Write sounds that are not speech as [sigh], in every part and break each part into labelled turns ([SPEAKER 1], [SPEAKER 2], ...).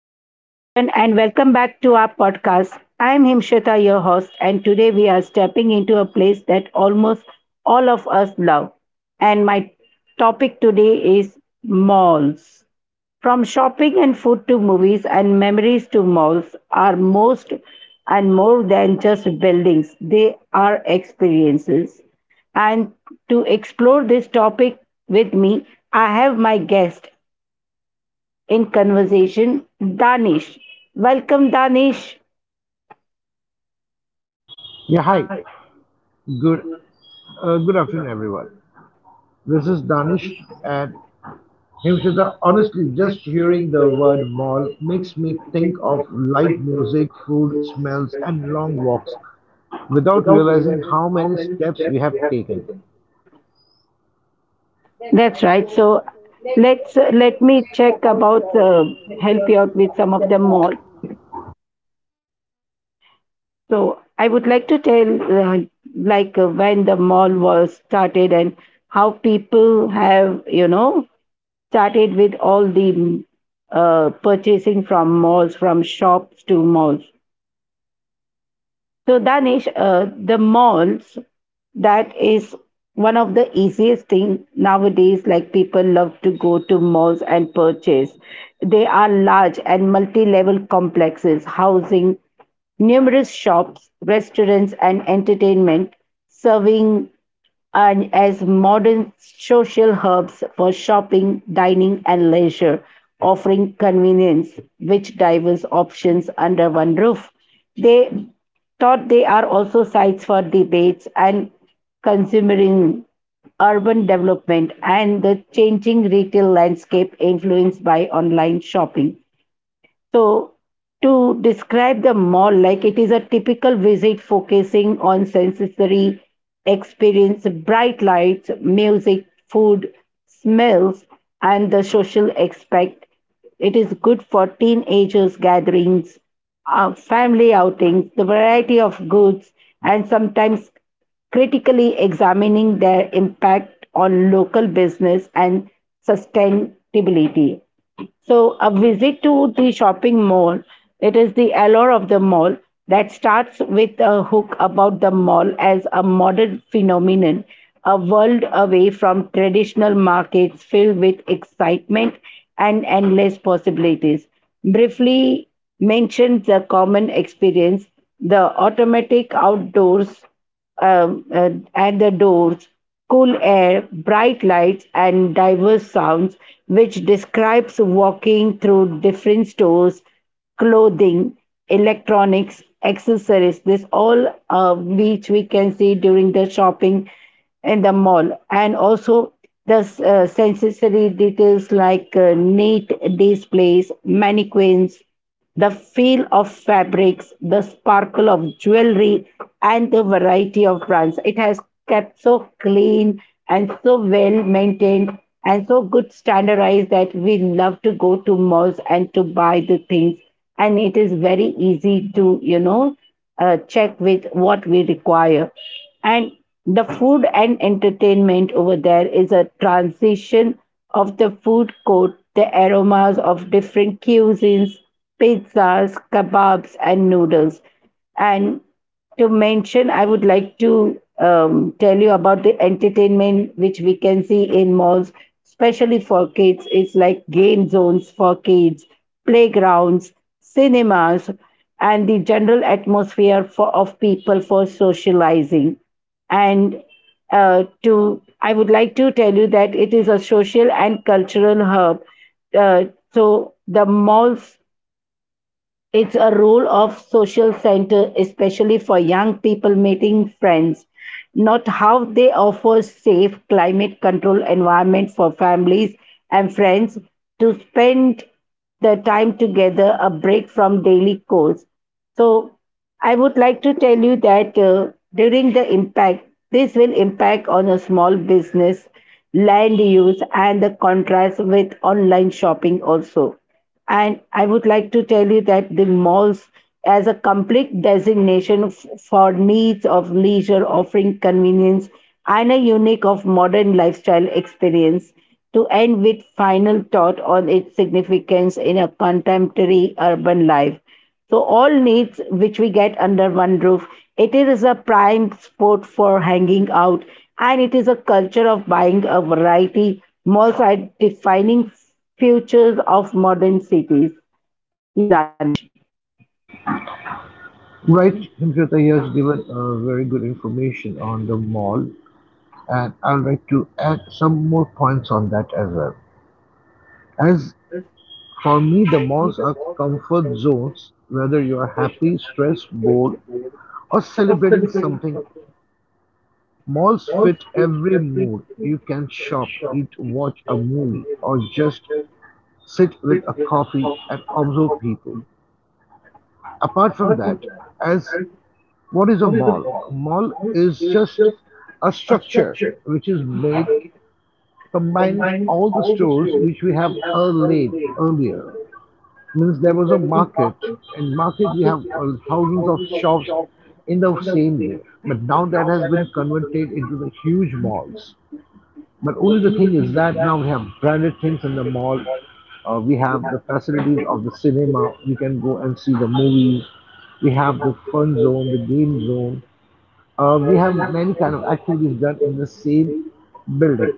[SPEAKER 1] Hello, everyone, and welcome back to our podcast. I'm Himshita, your host, and today we are stepping into a place that almost all of us love. And my topic today is malls. From shopping and food to movies and memories to malls are most and more than just buildings, they are experiences. And to explore this topic with me, I have my guest in conversation, Danish. Welcome, Danish.
[SPEAKER 2] Yeah, hi. Good good afternoon, everyone. This is Danish and Himshita. Honestly, just hearing the word mall makes me think of light music, food, smells, and long walks without realizing how many steps we have taken.
[SPEAKER 1] That's right. So let me check about help you out with some of the mall. So I would like to tell like when the mall was started and how people have started with all the purchasing from malls, from shops to malls. So, Danish, the malls, that is one of the easiest thing nowadays. Like people love to go to malls and purchase. They are large and multi-level complexes housing numerous shops, restaurants, and entertainment serving and as modern social hubs for shopping, dining, and leisure, offering convenience which diverse options under one roof. They thought they are also sites for debates and considering urban development and the changing retail landscape influenced by online shopping. So, to describe the mall like it is a typical visit focusing on sensory experience, bright lights, music, food, smells, and the social aspect. It is good for teenagers gatherings, family outings, the variety of goods, and sometimes critically examining their impact on local business and sustainability. So a visit to the shopping mall, it is the allure of the mall that starts with a hook about the mall as a modern phenomenon, a world away from traditional markets filled with excitement and endless possibilities. Briefly mentioned the common experience, the automatic outdoors at the doors, cool air, bright lights, and diverse sounds, which describes walking through different stores, clothing, electronics, accessories. This all which we can see during the shopping in the mall, and also the sensory details like neat displays, mannequins, the feel of fabrics, the sparkle of jewelry, and the variety of brands. It has kept so clean and so well maintained and so good standardized that we love to go to malls and to buy the things. And it is very easy to, you know, check with what we require. And the food and entertainment over there is a transition of the food court, the aromas of different cuisines, pizzas, kebabs, and noodles. And to mention, I would like to tell you about the entertainment which we can see in malls, especially for kids. It's like game zones for kids, playgrounds, cinemas, and the general atmosphere for, of people for socializing. And I would like to tell you that it is a social and cultural hub. Uh, so the malls it's a role of social center, especially for young people meeting friends. Not how they offer safe climate control environment for families and friends to spend the time together, a break from daily chores. So I would like to tell you that during the impact, this will impact on a small business, land use, and the contrast with online shopping also. And I would like to tell you that the malls, as a complete designation for needs of leisure, offering convenience and a unique of modern lifestyle experience, to end with final thought on its significance in a contemporary urban life. So, all needs which we get under one roof. It is a prime spot for hanging out, and it is a culture of buying a variety. Malls are defining futures of modern cities. Yes, Danish.
[SPEAKER 2] Right, Himshita here has given very good information on the mall, and I'd like to add some more points on that as well. As for me, the malls are comfort zones. Whether you are happy, stressed, bored, or celebrating something, malls fit every mood. You can shop, eat, watch a movie, or just sit with a coffee and observe people. Apart from that, as what is a mall? A mall is just a structure which is made combining all the stores which we have laid earlier. Means there was a market. In market we have thousands of shops in the same way. But now that has been converted into the huge malls. But only the thing is that now we have branded things in the mall. We have the facilities of the cinema. We can go and see the movies. We have the fun zone, the game zone. We have many kind of activities done in the same building.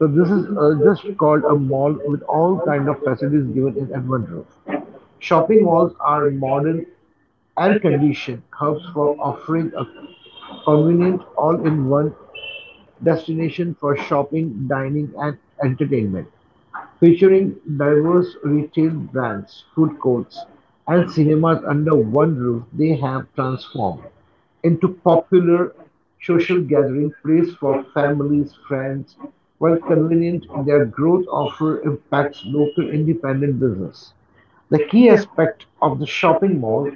[SPEAKER 2] So this is just called a mall with all kind of facilities given in at one roof. Shopping malls are modern, air-conditioned hubs for offering a convenient all-in-one destination for shopping, dining, and entertainment, featuring diverse retail brands, food courts, and cinemas under one roof. They have transformed into popular social gathering place for families, friends. While convenient, their growth offer impacts local independent business. The key aspect of the shopping mall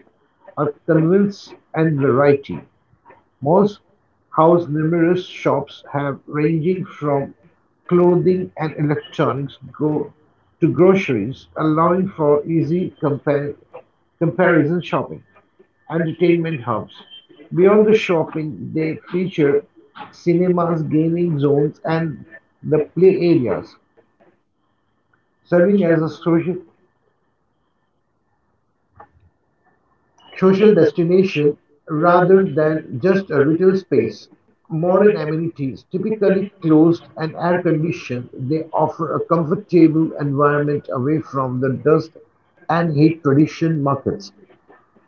[SPEAKER 2] are convenience and variety. Most house numerous shops have ranging from clothing and electronics go to groceries, allowing for easy comparison shopping. Entertainment hubs. Beyond the shopping, they feature cinemas, gaming zones, and the play areas, serving as a social destination rather than just a retail space. Modern amenities, typically closed and air conditioned, they offer a comfortable environment away from the dust and heat tradition markets.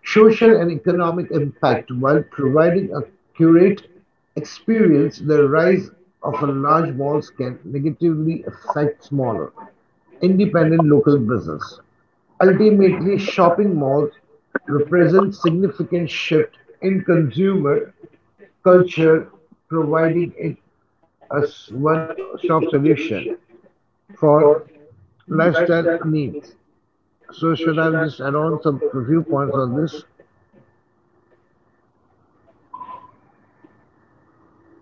[SPEAKER 2] Social and economic impact: while providing a curate experience, the rise of a large malls can negatively affect smaller independent local business. Ultimately, shopping malls represent significant shift in consumer culture, providing it as one stop solution for lifestyle needs. So should I just add on some few points on this?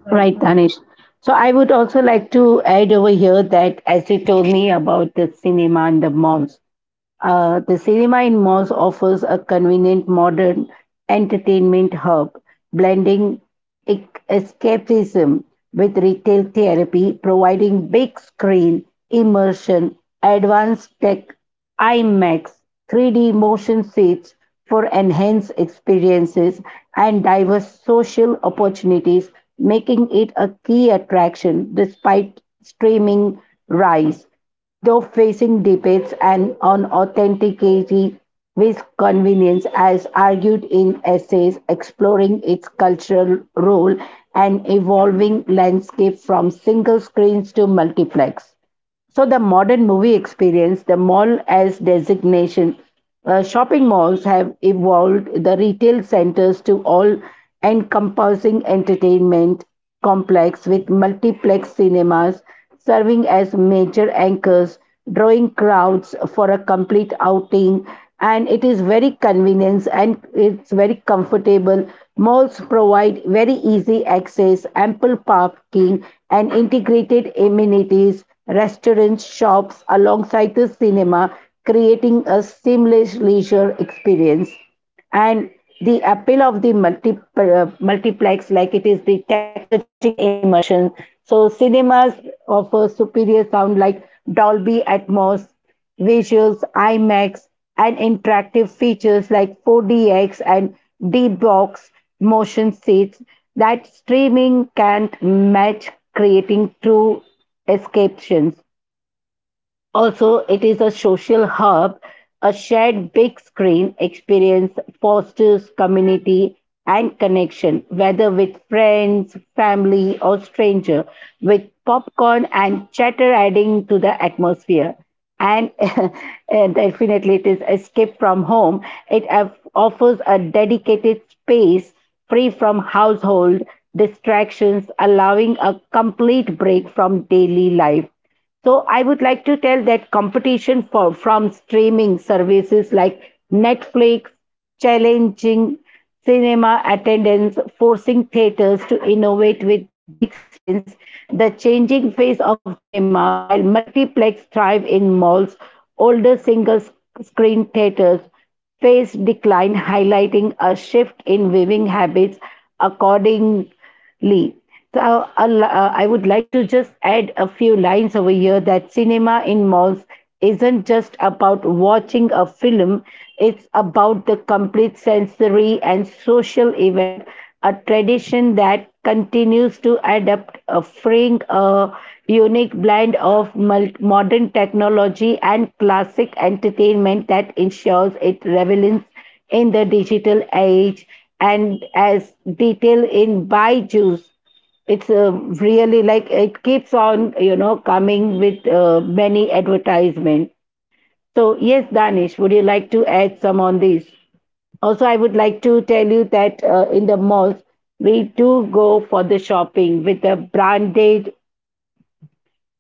[SPEAKER 1] Right, Danish. So I would also like to add over here that as you told me about the cinema and the malls. The cinema in malls offers a convenient modern entertainment hub, blending escapism with retail therapy, providing big screen immersion, advanced tech, IMAX, 3D motion seats for enhanced experiences, and diverse social opportunities, making it a key attraction despite streaming rise though facing debates and on authenticity with convenience, as argued in essays exploring its cultural role and evolving landscape from single screens to multiplex. So the modern movie experience, the mall as designation, shopping malls have evolved the retail centers to all encompassing entertainment complex with multiplex cinemas serving as major anchors, drawing crowds for a complete outing and it is very convenient and it's very comfortable. Malls provide very easy access, ample parking, and integrated amenities, restaurants, shops alongside the cinema, creating a seamless leisure experience. And the appeal of the multiplex, like it is the technological immersion. So, cinemas offer superior sound like Dolby Atmos, visuals, IMAX, and interactive features like 4DX and D-Box motion seats that streaming can't match, creating true escapes. Also, it is a social hub. A shared big screen experience fosters community and connection, whether with friends, family, or stranger, with popcorn and chatter adding to the atmosphere. And, [laughs] and definitely, it is escape from home. It offers a dedicated space free from household distractions, allowing a complete break from daily life so I would like to tell that competition from streaming services like Netflix, challenging cinema attendance, forcing theaters to innovate with better experience, the changing face of cinema while multiplex thrive in malls, older screen theaters face decline, highlighting a shift in viewing habits according Lee. So I would like to just add a few lines over here that cinema in malls isn't just about watching a film, it's about the complete sensory and social event, a tradition that continues to adapt, offering a unique blend of modern technology and classic entertainment that ensures it relevance in the digital age and as detail in Byju's. It's really like it keeps on, you know, coming with many advertisements. So, yes, Danish, would you like to add some on this? Also, I would like to tell you that in the malls, we do go for the shopping with the branded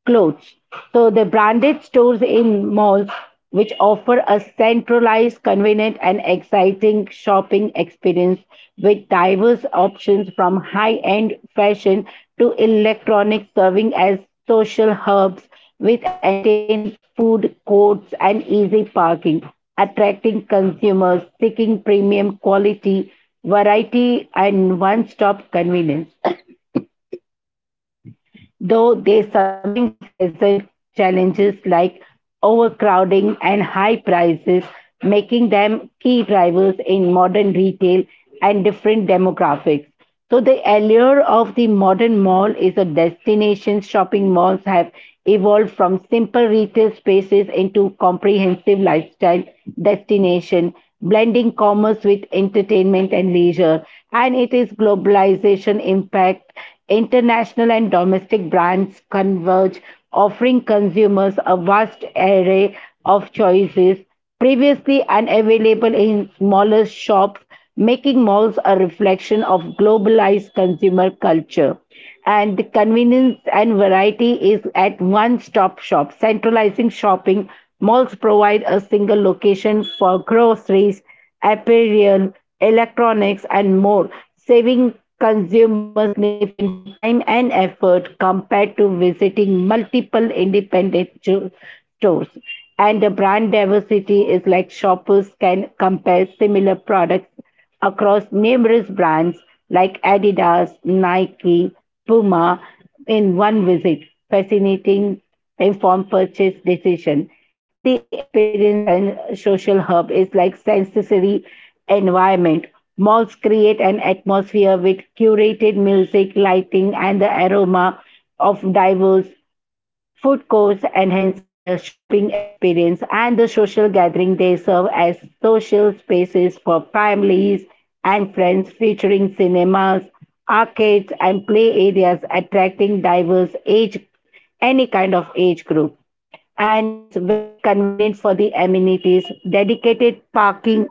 [SPEAKER 1] clothes. So the branded stores in malls which offer a centralized, convenient and exciting shopping experience with diverse options from high-end fashion to electronics serving as social hubs with entertainment, food courts and easy parking, attracting consumers seeking premium quality, variety and one-stop convenience though they sometimes present challenges like overcrowding and high prices, making them key drivers in modern retail and different demographics. So, the allure of the modern mall is a destination. Shopping malls have evolved from simple retail spaces into comprehensive lifestyle destination, blending commerce with entertainment and leisure. And it is globalization impact International and domestic brands converge, offering consumers a vast array of choices previously unavailable in smaller shops, making malls a reflection of globalized consumer culture and the convenience and variety is at one stop shop, centralizing shopping. Malls provide a single location for groceries, apparel, electronics, and more, saving consumers significant time and effort compared to visiting multiple independent stores. And the brand diversity is like shoppers can compare similar products across numerous brands like Adidas, Nike, Puma in one visit, facilitating informed purchase decision. And the experience and social hub is like sensory environment. Malls create an atmosphere with curated music, lighting, and the aroma of diverse Food courts enhancing the shopping experience and the social gathering. They serve as social spaces for families and friends, featuring cinemas, arcades, and play areas attracting diverse age, any kind of age group and it's very convenient for the amenities dedicated parking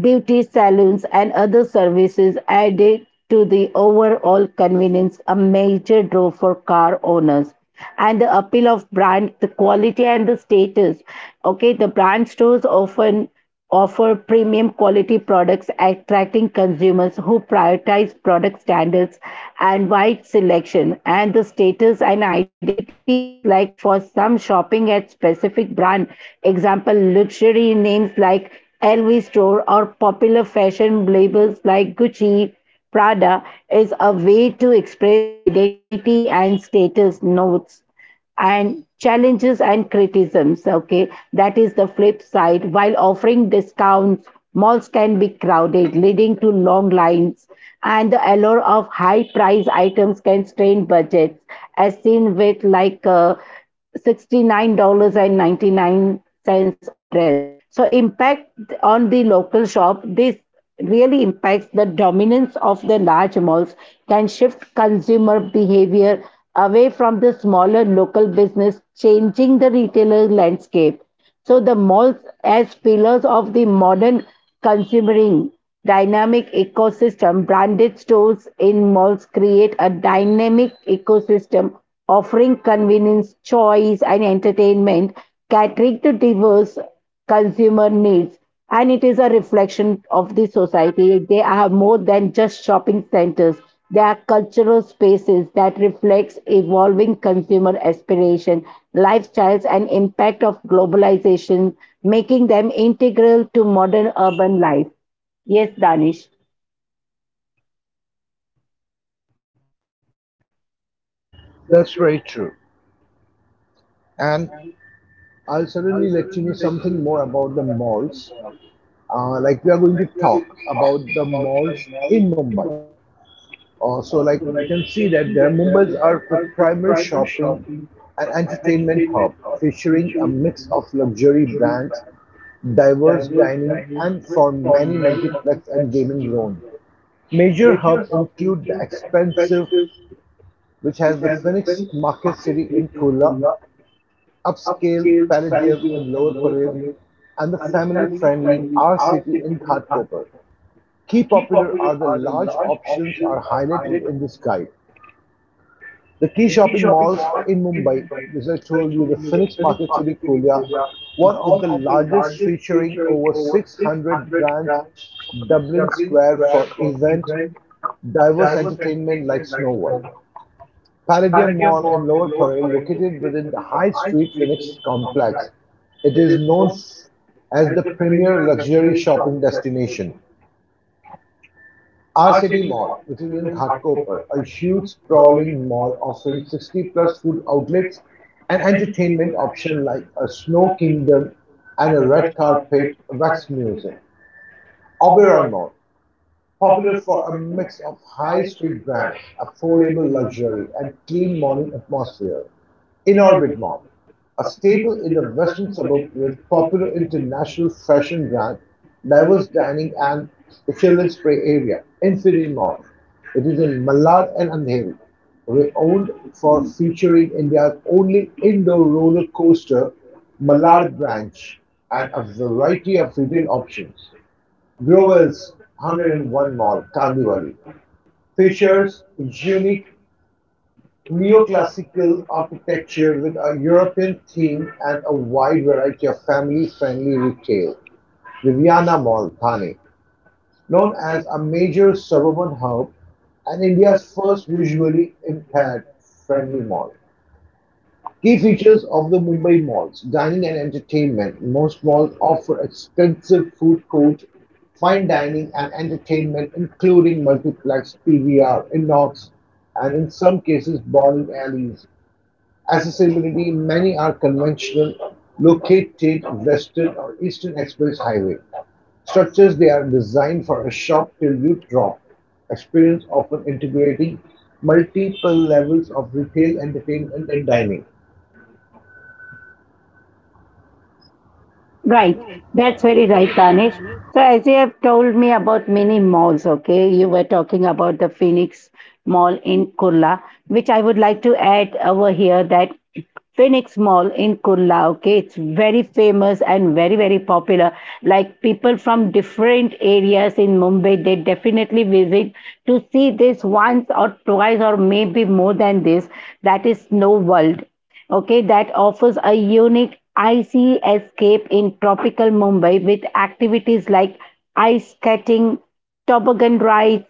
[SPEAKER 1] beauty salons, and other services added to the overall convenience, a major draw for car owners. And the appeal of brand, the quality and the status. Okay, the brand stores often offer premium quality products, attracting consumers who prioritize product standards and wide selection. And the status and identity is like for some shopping at specific brand. Example, luxury names like LV store or popular fashion labels like Gucci, Prada is a way to express identity and status notes and challenges and criticisms. Okay, that is the flip side. While offering discounts, malls can be crowded, leading to long lines, and the allure of high price items can strain budgets, as seen with like. $69.99 a dress. So impact on the local shop, this really impacts the dominance of the large malls can shift consumer behavior away from the smaller local business, changing the retailer landscape. So the malls as pillars of the modern Considering dynamic ecosystem, branded stores in malls create a dynamic ecosystem offering convenience, choice, and entertainment, catering to diverse consumer needs. And it is a reflection of the society. They are more than just shopping centers. They are cultural spaces that reflects evolving consumer aspiration, lifestyles and impact of globalization, making them integral to modern urban life. Yes, Danish.
[SPEAKER 2] That's very true, and I'll certainly let you know something more about the malls. Like we are going to talk about the malls in Mumbai. So like you can see that their Mumbai's are the primary shopping and entertainment hub, featuring a mix of luxury brands, diverse dining, and for many multiplex and gaming zones. Major hubs include the expensive, which has the Phoenix Market City in Kurla, upscale Palladium in Lower Parel, and the family-friendly R City in Ghatkopar. Key popular are the large options are highlighted in this guide. The key shopping malls in Mumbai, which I told you, the Phoenix Market City Kolia, one of the largest featuring over 600 brands, Dublin Square for event, diverse entertainment like Snow White. Palladium Mall in Lower Parel, located within the High Street Phoenix complex. It is known as the premier luxury shopping destination. Our City Mall, which is in Ghatkopar, a huge sprawling mall offering 60 plus food outlets and entertainment options like a snow kingdom and a red carpet wax museum. Oberoi Mall, popular for a mix of high-street brands, affordable luxury, and clean morning atmosphere. Inorbit Mall, a staple in the western suburb with popular international fashion brands, diverse dining, and the children's play area. Infinity Mall. It is in Malad and Andheri, renowned for featuring India's only indoor roller coaster, Malad Branch, and a variety of retail options. Growell's 101 Mall, Kandivali, features its unique neoclassical architecture with a European theme and a wide variety of family-friendly retail. Riviana Mall, Thane, known as a major suburban hub and India's first visually impaired friendly mall. Key features of the Mumbai malls: dining and entertainment. Most malls offer extensive food court, fine dining and entertainment including multiplex, PVR, Inox and in some cases bowling alleys. Accessibility: many are conventional, located western or eastern express highway. Structures they are designed for a shop till you drop. Experience often integrating multiple levels of retail, entertainment and dining.
[SPEAKER 1] Right. That's very right, Danish. So, as you have told me about many malls, okay, you were talking about the Phoenix Mall in Kurla, which I would like to add over here that Phoenix Mall in Kurla, okay, it's very famous and very, very popular. Like people from different areas in Mumbai, they definitely visit to see this once or twice or maybe more than this. That is Snow World, okay, that offers a unique icy escape in tropical Mumbai with activities like ice skating, toboggan rides,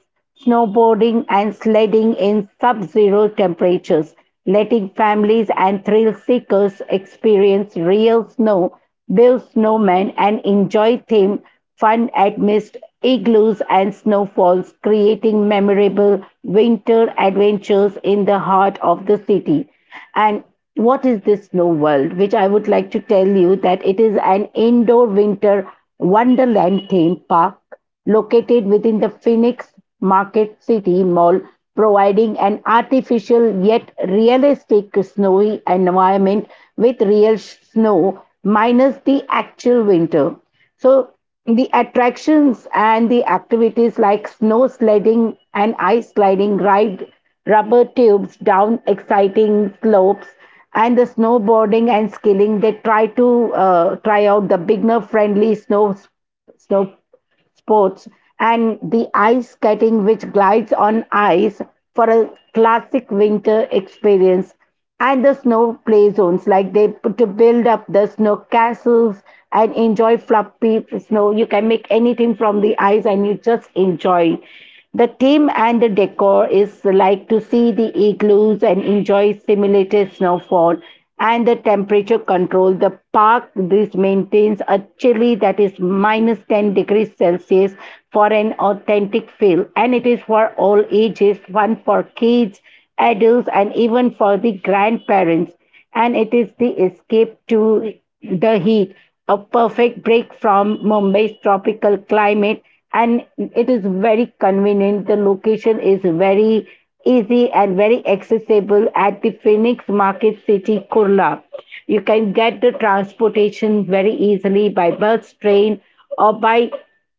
[SPEAKER 1] snowboarding, and sledding in sub zero temperatures, letting families and thrill seekers experience real snow, build snowmen, and enjoy themed fun amidst igloos and snowfalls, creating memorable winter adventures in the heart of the city. And what is this Snow World, which I would like to tell you that it is an indoor winter wonderland theme park located within the Phoenix Market City Mall, providing an artificial yet realistic snowy environment with real snow minus the actual winter. So the attractions and the activities like snow sledding and ice sliding ride rubber tubes down exciting slopes, and the snowboarding and skiing, they try to try out the beginner friendly snow sports, and the ice skating, which glides on ice for a classic winter experience, and the snow play zones, like they put to build up the snow castles and enjoy fluffy snow. You can make anything from the ice, and you just enjoy. The theme and the decor is like to see the igloos and enjoy simulated snowfall and the temperature control. The park this maintains a chilly that is minus 10 degrees Celsius for an authentic feel, and it is for all ages, one for kids, adults, and even for the grandparents. And it is the escape to the heat, a perfect break from Mumbai's tropical climate, and it is very convenient. The location is very easy and very accessible at the Phoenix Market City, Kurla. You can get the transportation very easily by bus, train, or by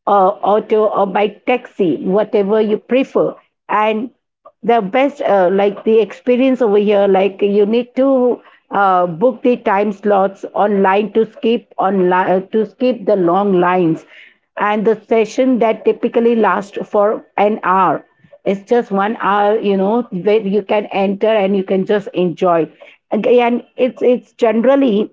[SPEAKER 1] auto or by taxi, whatever you prefer. And the best, like the experience over here, like you need to book the time slots online to to skip the long lines, and the session that typically lasts for an hour. It's just 1 hour, you know, where you can enter and you can just enjoy it. Again, it's generally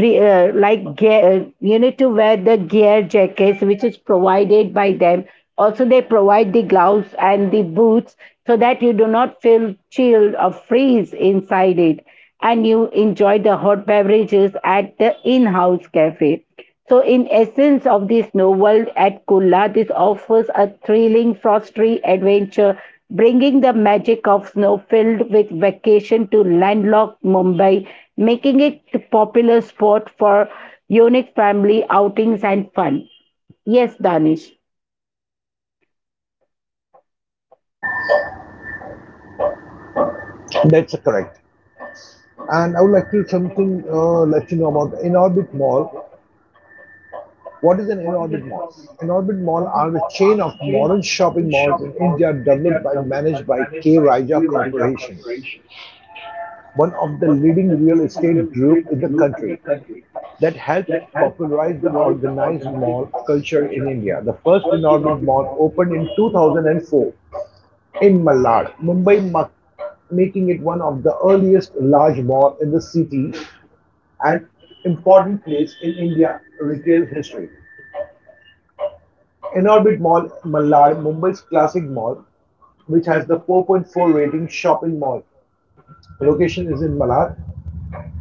[SPEAKER 1] like gear, you need to wear the gear jackets, which is provided by them. Also they provide the gloves and the boots so that you do not feel chilled or freeze inside it, and you enjoy the hot beverages at the in-house cafe. So, in essence of this novel at Kulla, this offers a thrilling frosty adventure, bringing the magic of snow filled with vacation to landlocked Mumbai, making it a popular spot for unique family outings and fun. Yes, Danish.
[SPEAKER 2] That's correct. And I would like to something let you know about the Inorbit Mall. What is an Inorbit Mall? Inorbit Mall are the chain of modern shopping malls in India developed by managed by K Raja Corporation, one of the leading real estate group in the country that helped popularize the organized mall culture in India. The first Inorbit Mall opened in 2004 in Malad, Mumbai, making it one of the earliest large malls in the city, an important place in India retail history. Inorbit Mall, Malad, Mumbai's classic mall, which has the 4.4 rating shopping mall. The location is in Malad,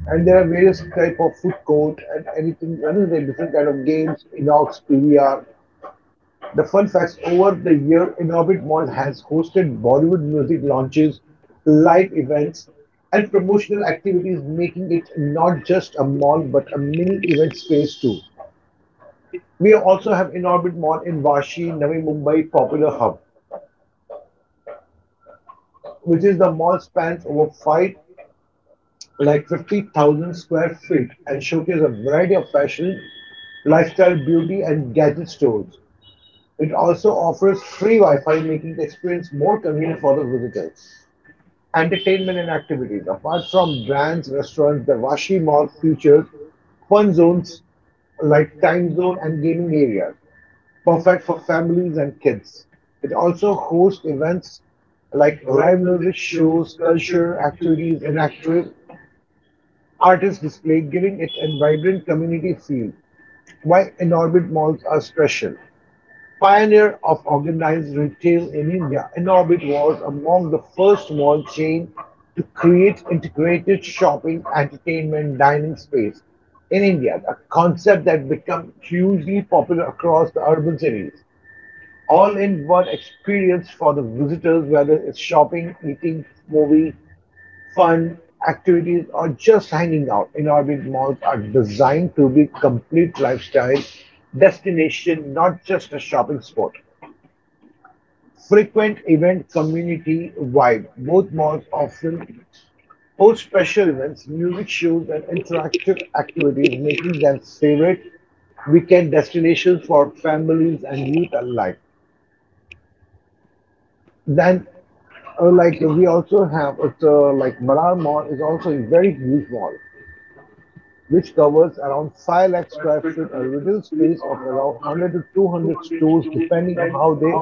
[SPEAKER 2] and there are various type of food court and anything different kind of games, Inox, PVR. The fun facts over the year, Inorbit Mall has hosted Bollywood music launches, live events, and promotional activities, making it not just a mall but a mini event space too. We also have in-orbit Mall in Vashi, Navi Mumbai popular hub, which is the mall spans over five like 50,000 square feet and showcases a variety of fashion, lifestyle, beauty and gadget stores. It also offers free Wi-Fi, making the experience more convenient for the visitors. Entertainment and activities. Apart from brands, restaurants, the Vashi Mall features fun zones like time zone and gaming areas, perfect for families and kids. It also hosts events like live music shows, culture activities, and active artist display, giving it a vibrant community feel. Why Inorbit malls are special. Pioneer of organized retail in India, Inorbit was among the first mall chain to create integrated shopping, entertainment, dining space in India, a concept that became hugely popular across the urban cities. All in one experience for the visitors, whether it's shopping, eating, movie, fun, activities, or just hanging out. In orbit malls are designed to be complete lifestyle destination, not just a shopping spot. Frequent event community vibe. Both malls often host special events, music shows, and interactive activities, making them favorite weekend destinations for families and youth alike. Then, like we also have it's like Malar Mall is also a very huge mall which covers around 5 lakh square feet a retail space of around 100 to 200 stores depending on how they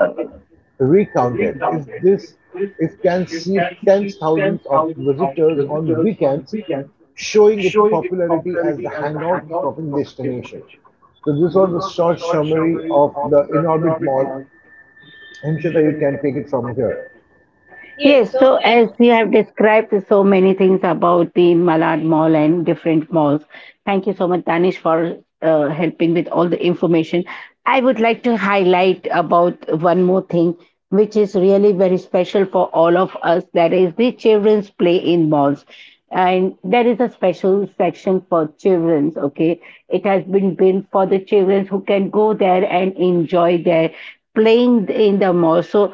[SPEAKER 2] recount it. If this if can see tens thousands of visitors on weekends, showing its popularity as the hangout shopping destination. So this was the short summary of the Inorbit mall. I You can take it from here.
[SPEAKER 1] Yes, so as you have described so many things about the Malad Mall and different malls, thank you so much, Danish, for helping with all the information. I would like to highlight about one more thing, which is really very special for all of us. That is the children's play in malls, and there is a special section for childrens, okay, it has been built for the children who can go there and enjoy their playing in the mall. So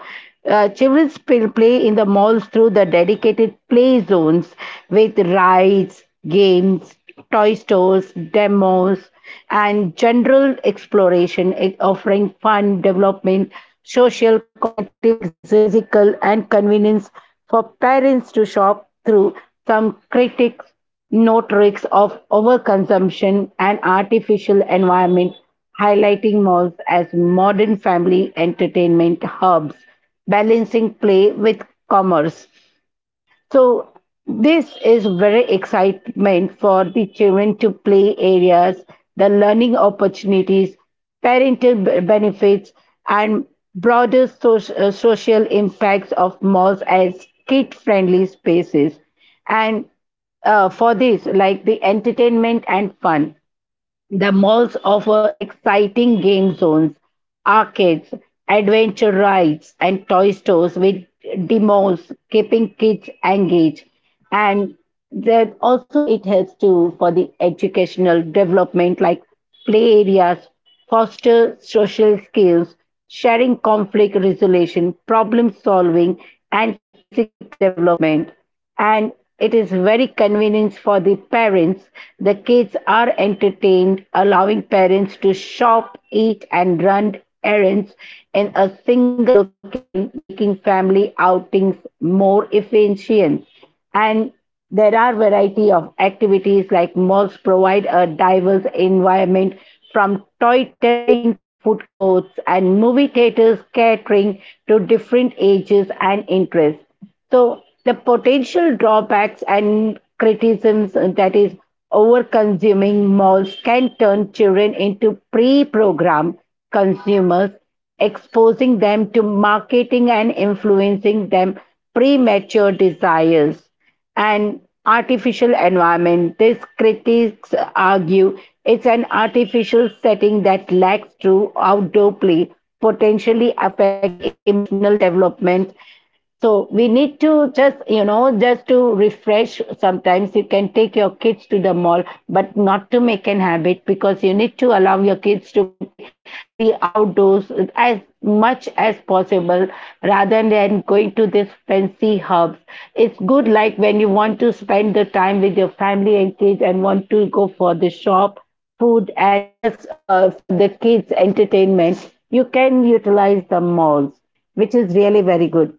[SPEAKER 1] children will play in the malls through the dedicated play zones with rides, games, toy stores, demos, and general exploration. It offering fun development, social, cognitive, physical, and convenience for parents to shop through. Some critics note risks of overconsumption and artificial environment, highlighting malls as modern family entertainment hubs, balancing play with commerce. So this is very excitement for the children to play areas, the learning opportunities, parental benefits, and broader social impacts of malls as kid-friendly spaces. And for this, like the entertainment and fun. The malls offer exciting game zones, arcades, adventure rides, and toy stores with demos, keeping kids engaged. And that also it helps to for the educational development, like play areas foster social skills, sharing, conflict resolution, problem solving, and physical development. And it is very convenient for the parents. The kids are entertained, allowing parents to shop, eat, and run errands in a single location, making family outings more efficient. And there are variety of activities like malls provide a diverse environment from toy testing to food courts and movie theaters catering to different ages and interests. So the potential drawbacks and criticisms, that is over consuming malls can turn children into pre program consumers, exposing them to marketing and influencing them premature desires and artificial environment. These critics argue it's an artificial setting that lacks true outdoor play, potentially affecting emotional development. So we need to just, you know, just to refresh. Sometimes you can take your kids to the mall, but not to make an habit because you need to allow your kids to play the outdoors as much as possible rather than going to this fancy hubs. It's good like when you want to spend the time with your family and kids and want to go for the shop, food, and just for the kids' entertainment, you can utilize the malls, which is really very good.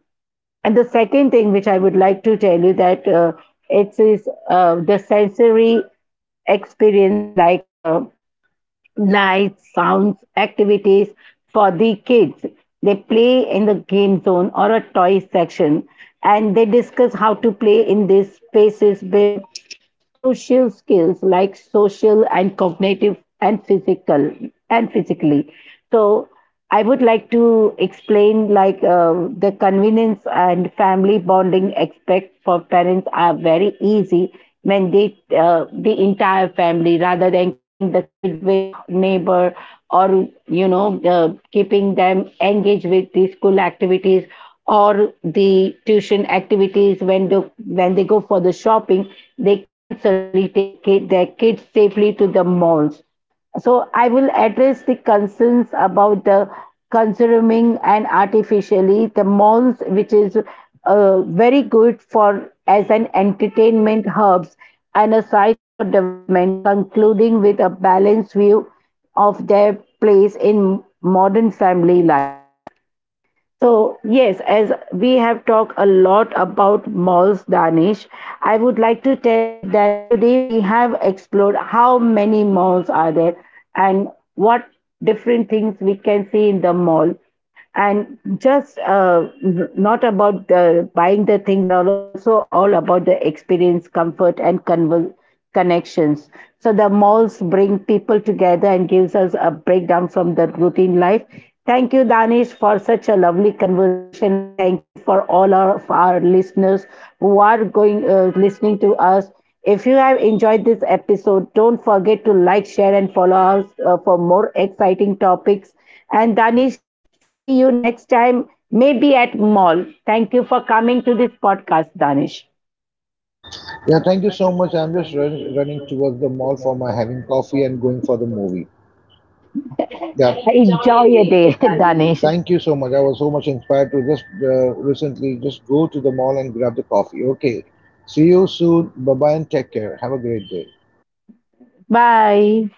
[SPEAKER 1] And the second thing which I would like to tell you that it is the sensory experience like lights, sounds, activities for the kids. They play in the game zone or a toy section, and they discuss how to play in these spaces build crucial skills like social and cognitive and physical and physically. So I would like to explain like the convenience and family bonding aspect for parents are very easy when they the entire family rather than keeping the kid with neighbor or you know keeping them engaged with the school activities or the tuition activities when they go for the shopping, they can certainly take their kids safely to the malls. So I will address the concerns about the consuming and artificially the malls, which is very good for as an entertainment hubs and a sites for development, concluding with a balanced view of their place in modern family life. So, yes, as we have talked a lot about malls, Danish, I would like to tell you that today we have explored how many malls are there and what different things we can see in the mall. And just not about the buying the things that are also all about the experience, comfort, and convenience connections. So the malls bring people together and gives us a breakdown from the routine life. Thank you, Danish, for such a lovely conversation, and thank you for all our, of our listeners who are going listening to us. If you have enjoyed this episode, don't forget to like, share, and follow us for more exciting topics. And Danish, see you next time, maybe at mall. Thank you for coming to this podcast, Danish.
[SPEAKER 2] Yeah, thank you so much. I'm just running towards the mall for my having coffee and going for the movie. Yeah,
[SPEAKER 1] Enjoy your day, [laughs] Danish.
[SPEAKER 2] thank you so much. I was so much inspired to just recently just go to the mall and grab the coffee. Okay, see you soon. Bye bye and take care. Have a great day.
[SPEAKER 1] Bye.